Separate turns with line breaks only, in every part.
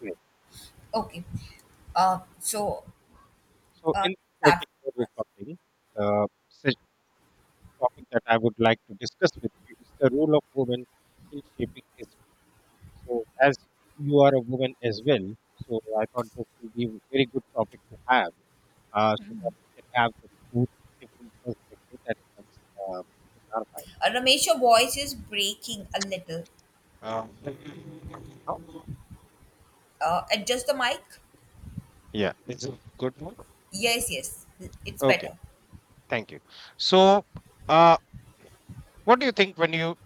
Right.
Okay. Uh, so,
So
uh,
in this
start
particular
first.
recording, the such topic that I would like to discuss with you is the role of women in shaping history. So as you are a woman as well, so I thought this would be a very good topic to have, so that we can have the both different perspective that comes in
Ramesh, your voice is breaking a little.
our mind.
Adjust the mic.
Yeah, it's a good one.
Yes, yes, it's
Okay,
better.
thank you. So, uh, what do you think when you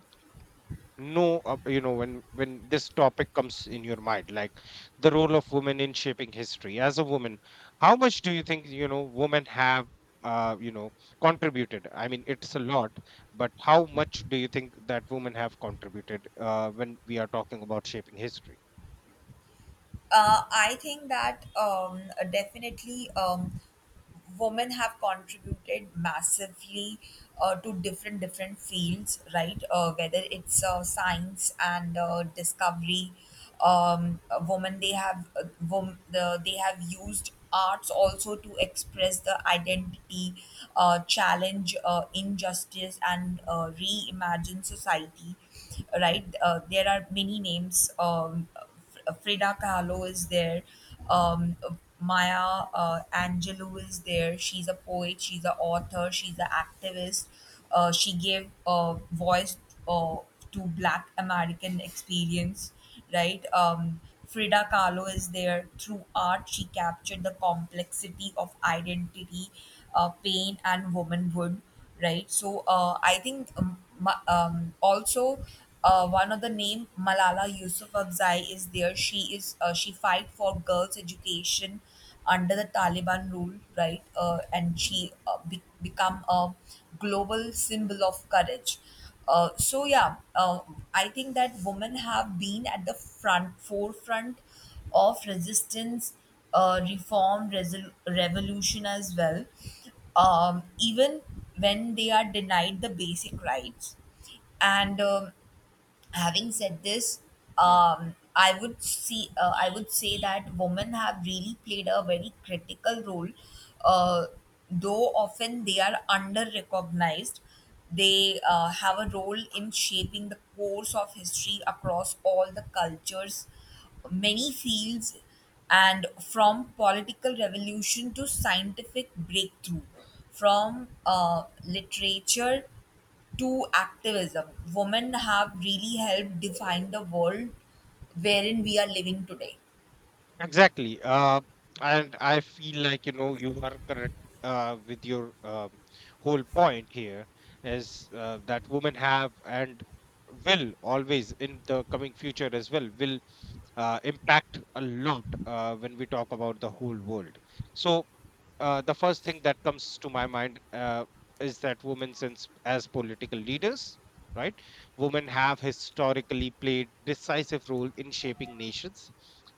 know uh, you know when when this topic comes in your mind like the role of women in shaping history as a woman, how much do you think, you know, women have uh, you know contributed? I mean, it's a lot, but how much do you think that women have contributed when we are talking about shaping history?
I think that definitely women have contributed massively to different fields, right? Whether it's science and discovery, women they have used arts also to express the identity, challenge injustice, and reimagine society, right? There are many names. Frida Kahlo is there. Um, Maya Angelou is there. She's a poet. She's an author. She's an activist. She gave a voice uh, to Black American experience, right? Frida Kahlo is there. Through art, she captured the complexity of identity, pain, and womanhood, right? So I think also one of the name Malala Yousafzai is there. She fight for girls' education under the Taliban rule, right? And she become a global symbol of courage. Uh, so yeah, uh, I think that women have been at the front forefront of resistance, reform, revolution as well, even when they are denied the basic rights. And Having said this, I would say that women have really played a very critical role, uh, though often they are under recognized. They have a role in shaping the course of history across all the cultures, many fields, and from political revolution to scientific breakthrough, from literature to activism. Women have really helped define the world wherein we are living today.
Exactly. And I feel like, you know, you are correct with your whole point here is that women have and will always in the coming future as well will impact a lot when we talk about the whole world. So the first thing that comes to my mind is that women since as political leaders, right, women have historically played decisive role in shaping nations.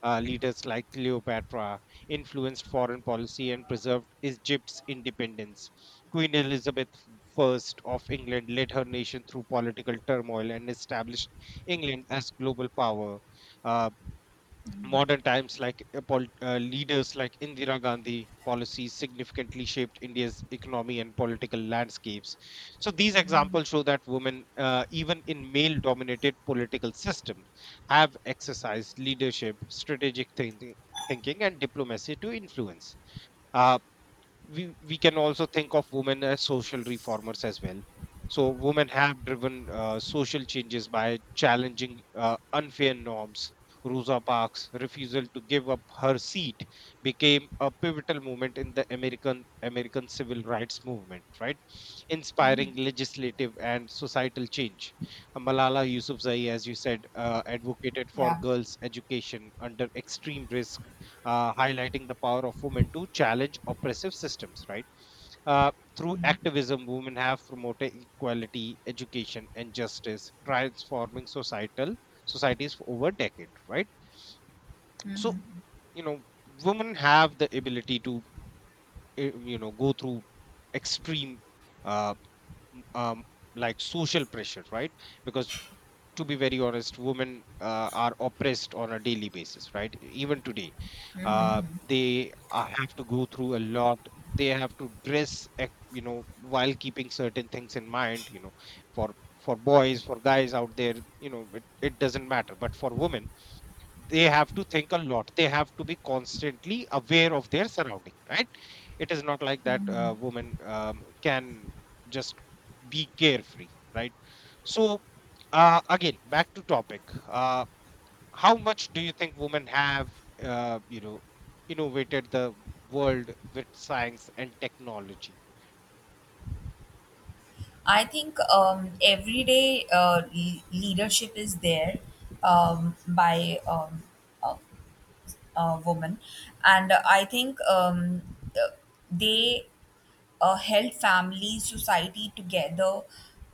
Leaders like Cleopatra influenced foreign policy and preserved Egypt's independence. Queen Elizabeth I of England led her nation through political turmoil and established England as global power. Uh, Modern times, like leaders like Indira Gandhi policies significantly shaped India's economy and political landscapes. So these examples show that women, even in male dominated political system, have exercised leadership, strategic thinking, and diplomacy to influence. uh, we can also think of women as social reformers as well. So women have driven social changes by challenging unfair norms. Rosa Parks' refusal to give up her seat became a pivotal moment in the American civil rights movement, right? Inspiring legislative and societal change. Malala Yousafzai, as you said, advocated for
Yeah.
girls' education under extreme risk, highlighting the power of women to challenge oppressive systems, right? Uh, Through activism, women have promoted equality, education, and justice, transforming societal societies for over decade, right? So, you know, women have the ability to, you know, go through extreme uh, um, like social pressure, right? Because to be very honest, women are oppressed on a daily basis, right? Even today, they have to go through a lot. They have to dress, you know, while keeping certain things in mind. You know, for boys, for guys out there, you know, it doesn't matter. But for women, they have to think a lot, they have to be constantly aware of their surrounding, right? It is not like that woman can just be carefree, right? So again back to topic. uh, how much do you think women have uh, you know innovated the world with science and technology?
I think everyday leadership is there, by a, a woman, and I think uh, they held family, society together,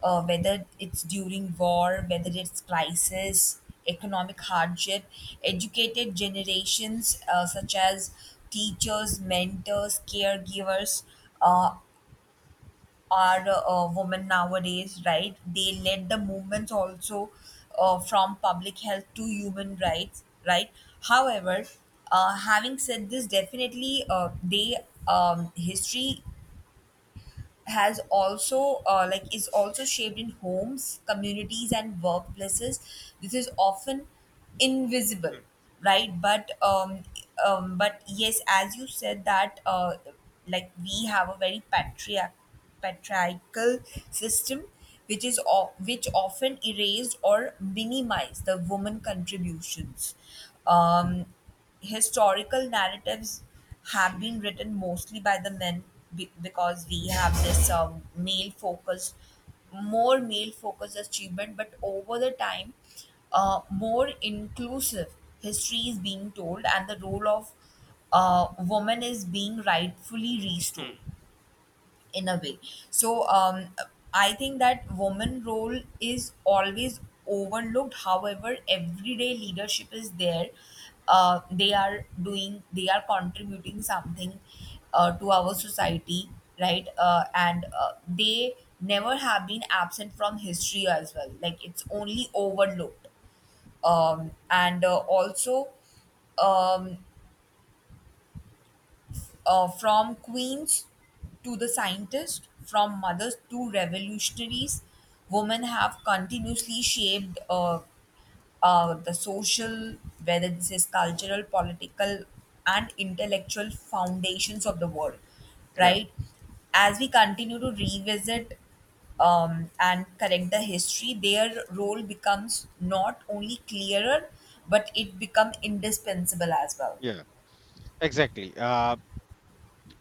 whether it's during war, whether it's crisis, economic hardship, educated generations such as teachers, mentors, caregivers uh, are women nowadays, right? They led the movements also from public health to human rights, right? However, having said this, definitely they, history has also like is also shaped in homes, communities and workplaces. This is often
Mm,
invisible,
mm,
right? But but yes, as you said that, like we have a very patriarchal system which which often erased or minimized the woman contributions. Um, historical narratives have been written mostly by the men, because we have this male focused more male focused achievement. But over the time, more inclusive history is being told and the role of woman is being rightfully restored
mm,
in a way. So I think that woman role is always overlooked, however everyday leadership is there. They are doing, they are contributing something to our society, right? And They never have been absent from history as well, like it's only overlooked. And also um, from queens to the scientists, from mothers to revolutionaries, women have continuously shaped the social, whether this is cultural, political, and intellectual foundations of the world,
mm. Yeah,
right? As we continue to revisit, and correct the history, their role becomes not only clearer, but it becomes indispensable as well.
yeah, exactly.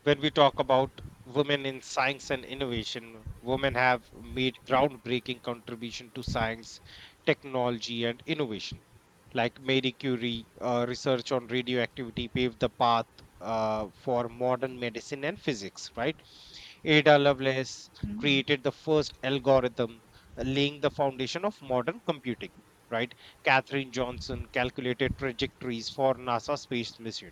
When we talk about women in science and innovation, women have made groundbreaking contribution to science, technology, and innovation. Like Marie Curie, research on radioactivity paved the path for modern medicine and physics, right? Ada Lovelace created the first algorithm, laying the foundation of modern computing, right? Catherine Johnson calculated trajectories for NASA space mission,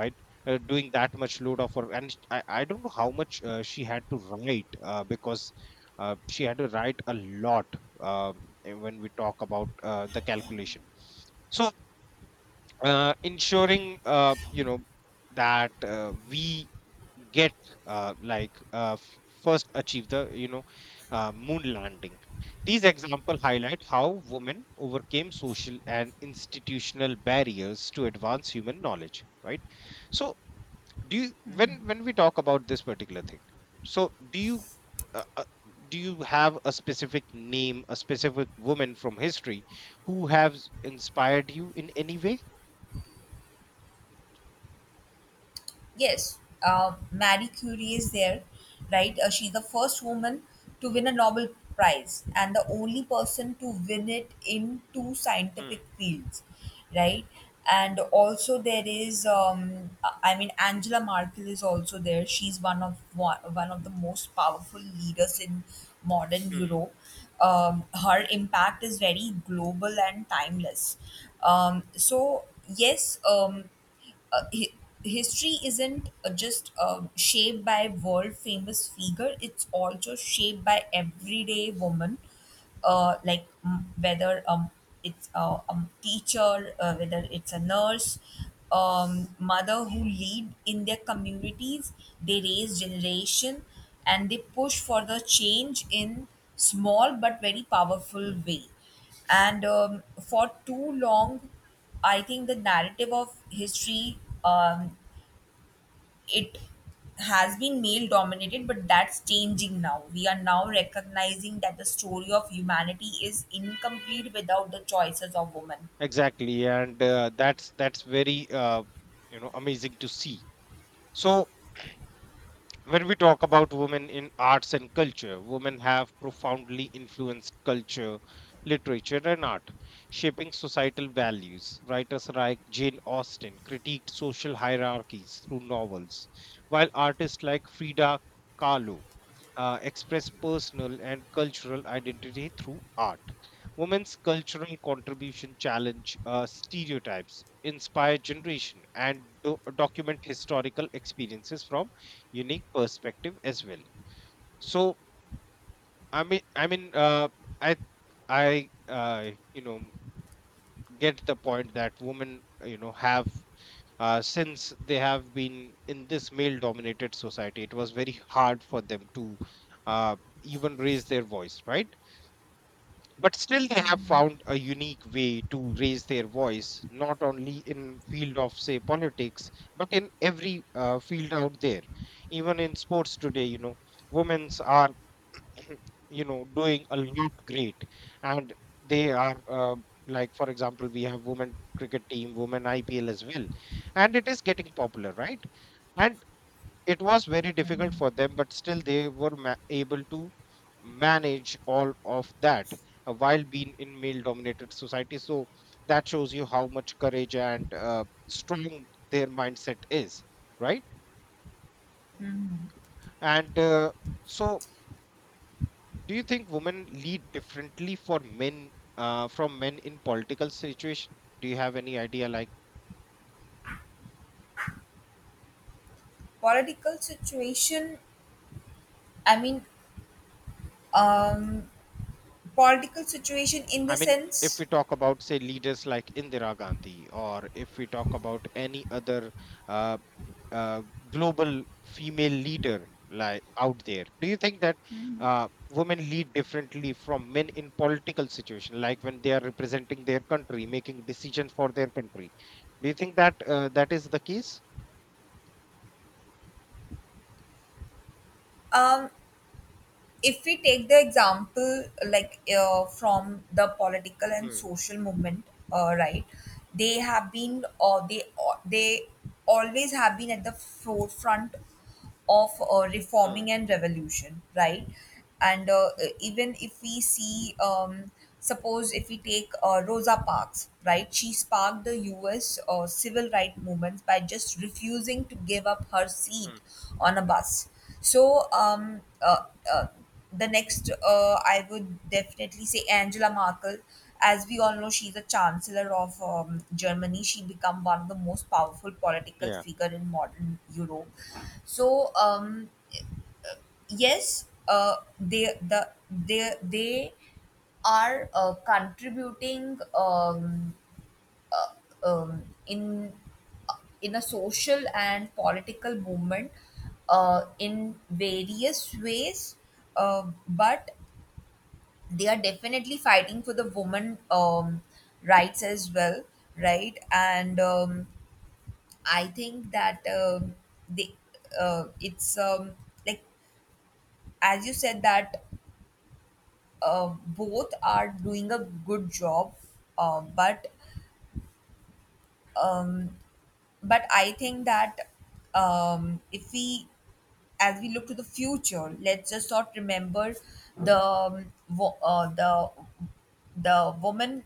right? Doing that much load of work and I don't know how much she had to write, because she had to write a lot. When we talk about the calculation. So ensuring, you know, that we get first achieve the, you know, moon landing. These examples highlight how women overcame social and institutional barriers to advance human knowledge, right? So do you, when we talk about this particular thing, so uh, uh, do you have a specific name, a specific woman from history, who has inspired you in any way?
Yes, Marie Curie is there, right? She's the first woman to win a Nobel Prize and the only person to win it in two
Mm,
scientific fields, right? And also there is, I mean, Angela Merkel is also there. She's one of the most powerful leaders in modern
mm,
Europe. Her impact is very global and timeless. Um, so yes, um, uh, hi- History isn't just, um, shaped by world famous figure. It's also shaped by everyday woman, like, mm, whether, it's a teacher, whether it's a nurse, mother, who lead in their communities. They raise generation and they push for the change in small but very powerful
mm.
way. And for too long I think the narrative of history, um, it has been male dominated, but that's changing now. We are now recognizing that the story of humanity is incomplete without the choices of women.
Exactly, and that's very you know, amazing to see. So when we talk about women in arts and culture, women have profoundly influenced culture, literature, and art, shaping societal values. Writers like Jane Austen critiqued social hierarchies through novels, while artists like Frida Kahlo express personal and cultural identity through art. Women's cultural contribution challenge stereotypes, inspire generation, and document historical experiences from unique perspective as well. So I mean I mean I I you know, get the point that women, have since they have been in this male dominated society, it was very hard for them to uh, even raise their voice, right? But still they have found a unique way to raise their voice not only in field of say politics but in every field out there. Even in sports today, you know, women's are you know, doing a lot great. And they are like, for example, we have women cricket team, women IPL as well, and it is getting popular, right? And it was very difficult for them, but still they were able to manage all of that while being in male dominated society. So that shows you how much courage and strong their mindset is, right? And so do you think women lead differently for men, from men in political situation? Do you have any idea, like,
Political situation, I mean, um, political situation in
I
the
mean, if
sense,
we talk about say leaders like Indira Gandhi, or if we talk about any other uh, uh, global female leader, like, out there, do you think that uh, women lead differently from men in political situation, like when they are representing their country, making decision for their country? Do you think that that is the case?
um, if we take the example like from the political and
Hmm,
social movement, right, they have been uh, they they always have been at the forefront of
hmm,
reforming and revolution, right? And even if we see, suppose if we take Rosa Parks, right, she sparked the US civil rights movements by just refusing to give up her seat
hmm.
on a bus. so um, uh, uh, the next, I would definitely say Angela Merkel. As we all know, she's a chancellor of, Germany. She become one of the most powerful political
Yeah.
figure in modern Europe. So yes, they, they are contributing, um, in in a social and political movement in various ways, but they are definitely fighting for the woman, rights as well, right? And I think that, they, it's, like, as you said that, both are doing a good job. Uh, but um, but I think that, if we, as we look to the future, let's just not remember the the women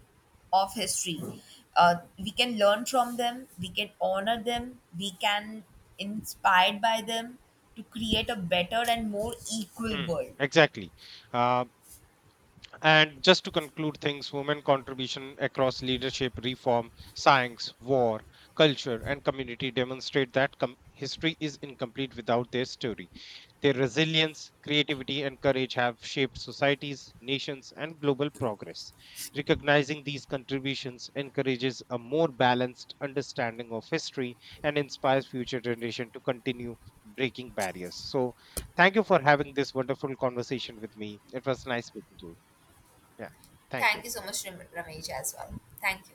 of history. We can learn from them, we can honor them, we can inspired by them to create a better and more equal
Mm,
world.
exactly. Uh, and just to conclude things, women contribution across leadership, reform, science, war, culture, and community demonstrate that history is incomplete without their story. Their resilience, creativity, and courage have shaped societies, nations, and global progress. Recognizing these contributions encourages a more balanced understanding of history and inspires future generations to continue breaking barriers. So, thank you for having this wonderful conversation with me. It was nice speaking to you. Yeah, thank you.
Thank you so much, Ramesh, as well, thank you.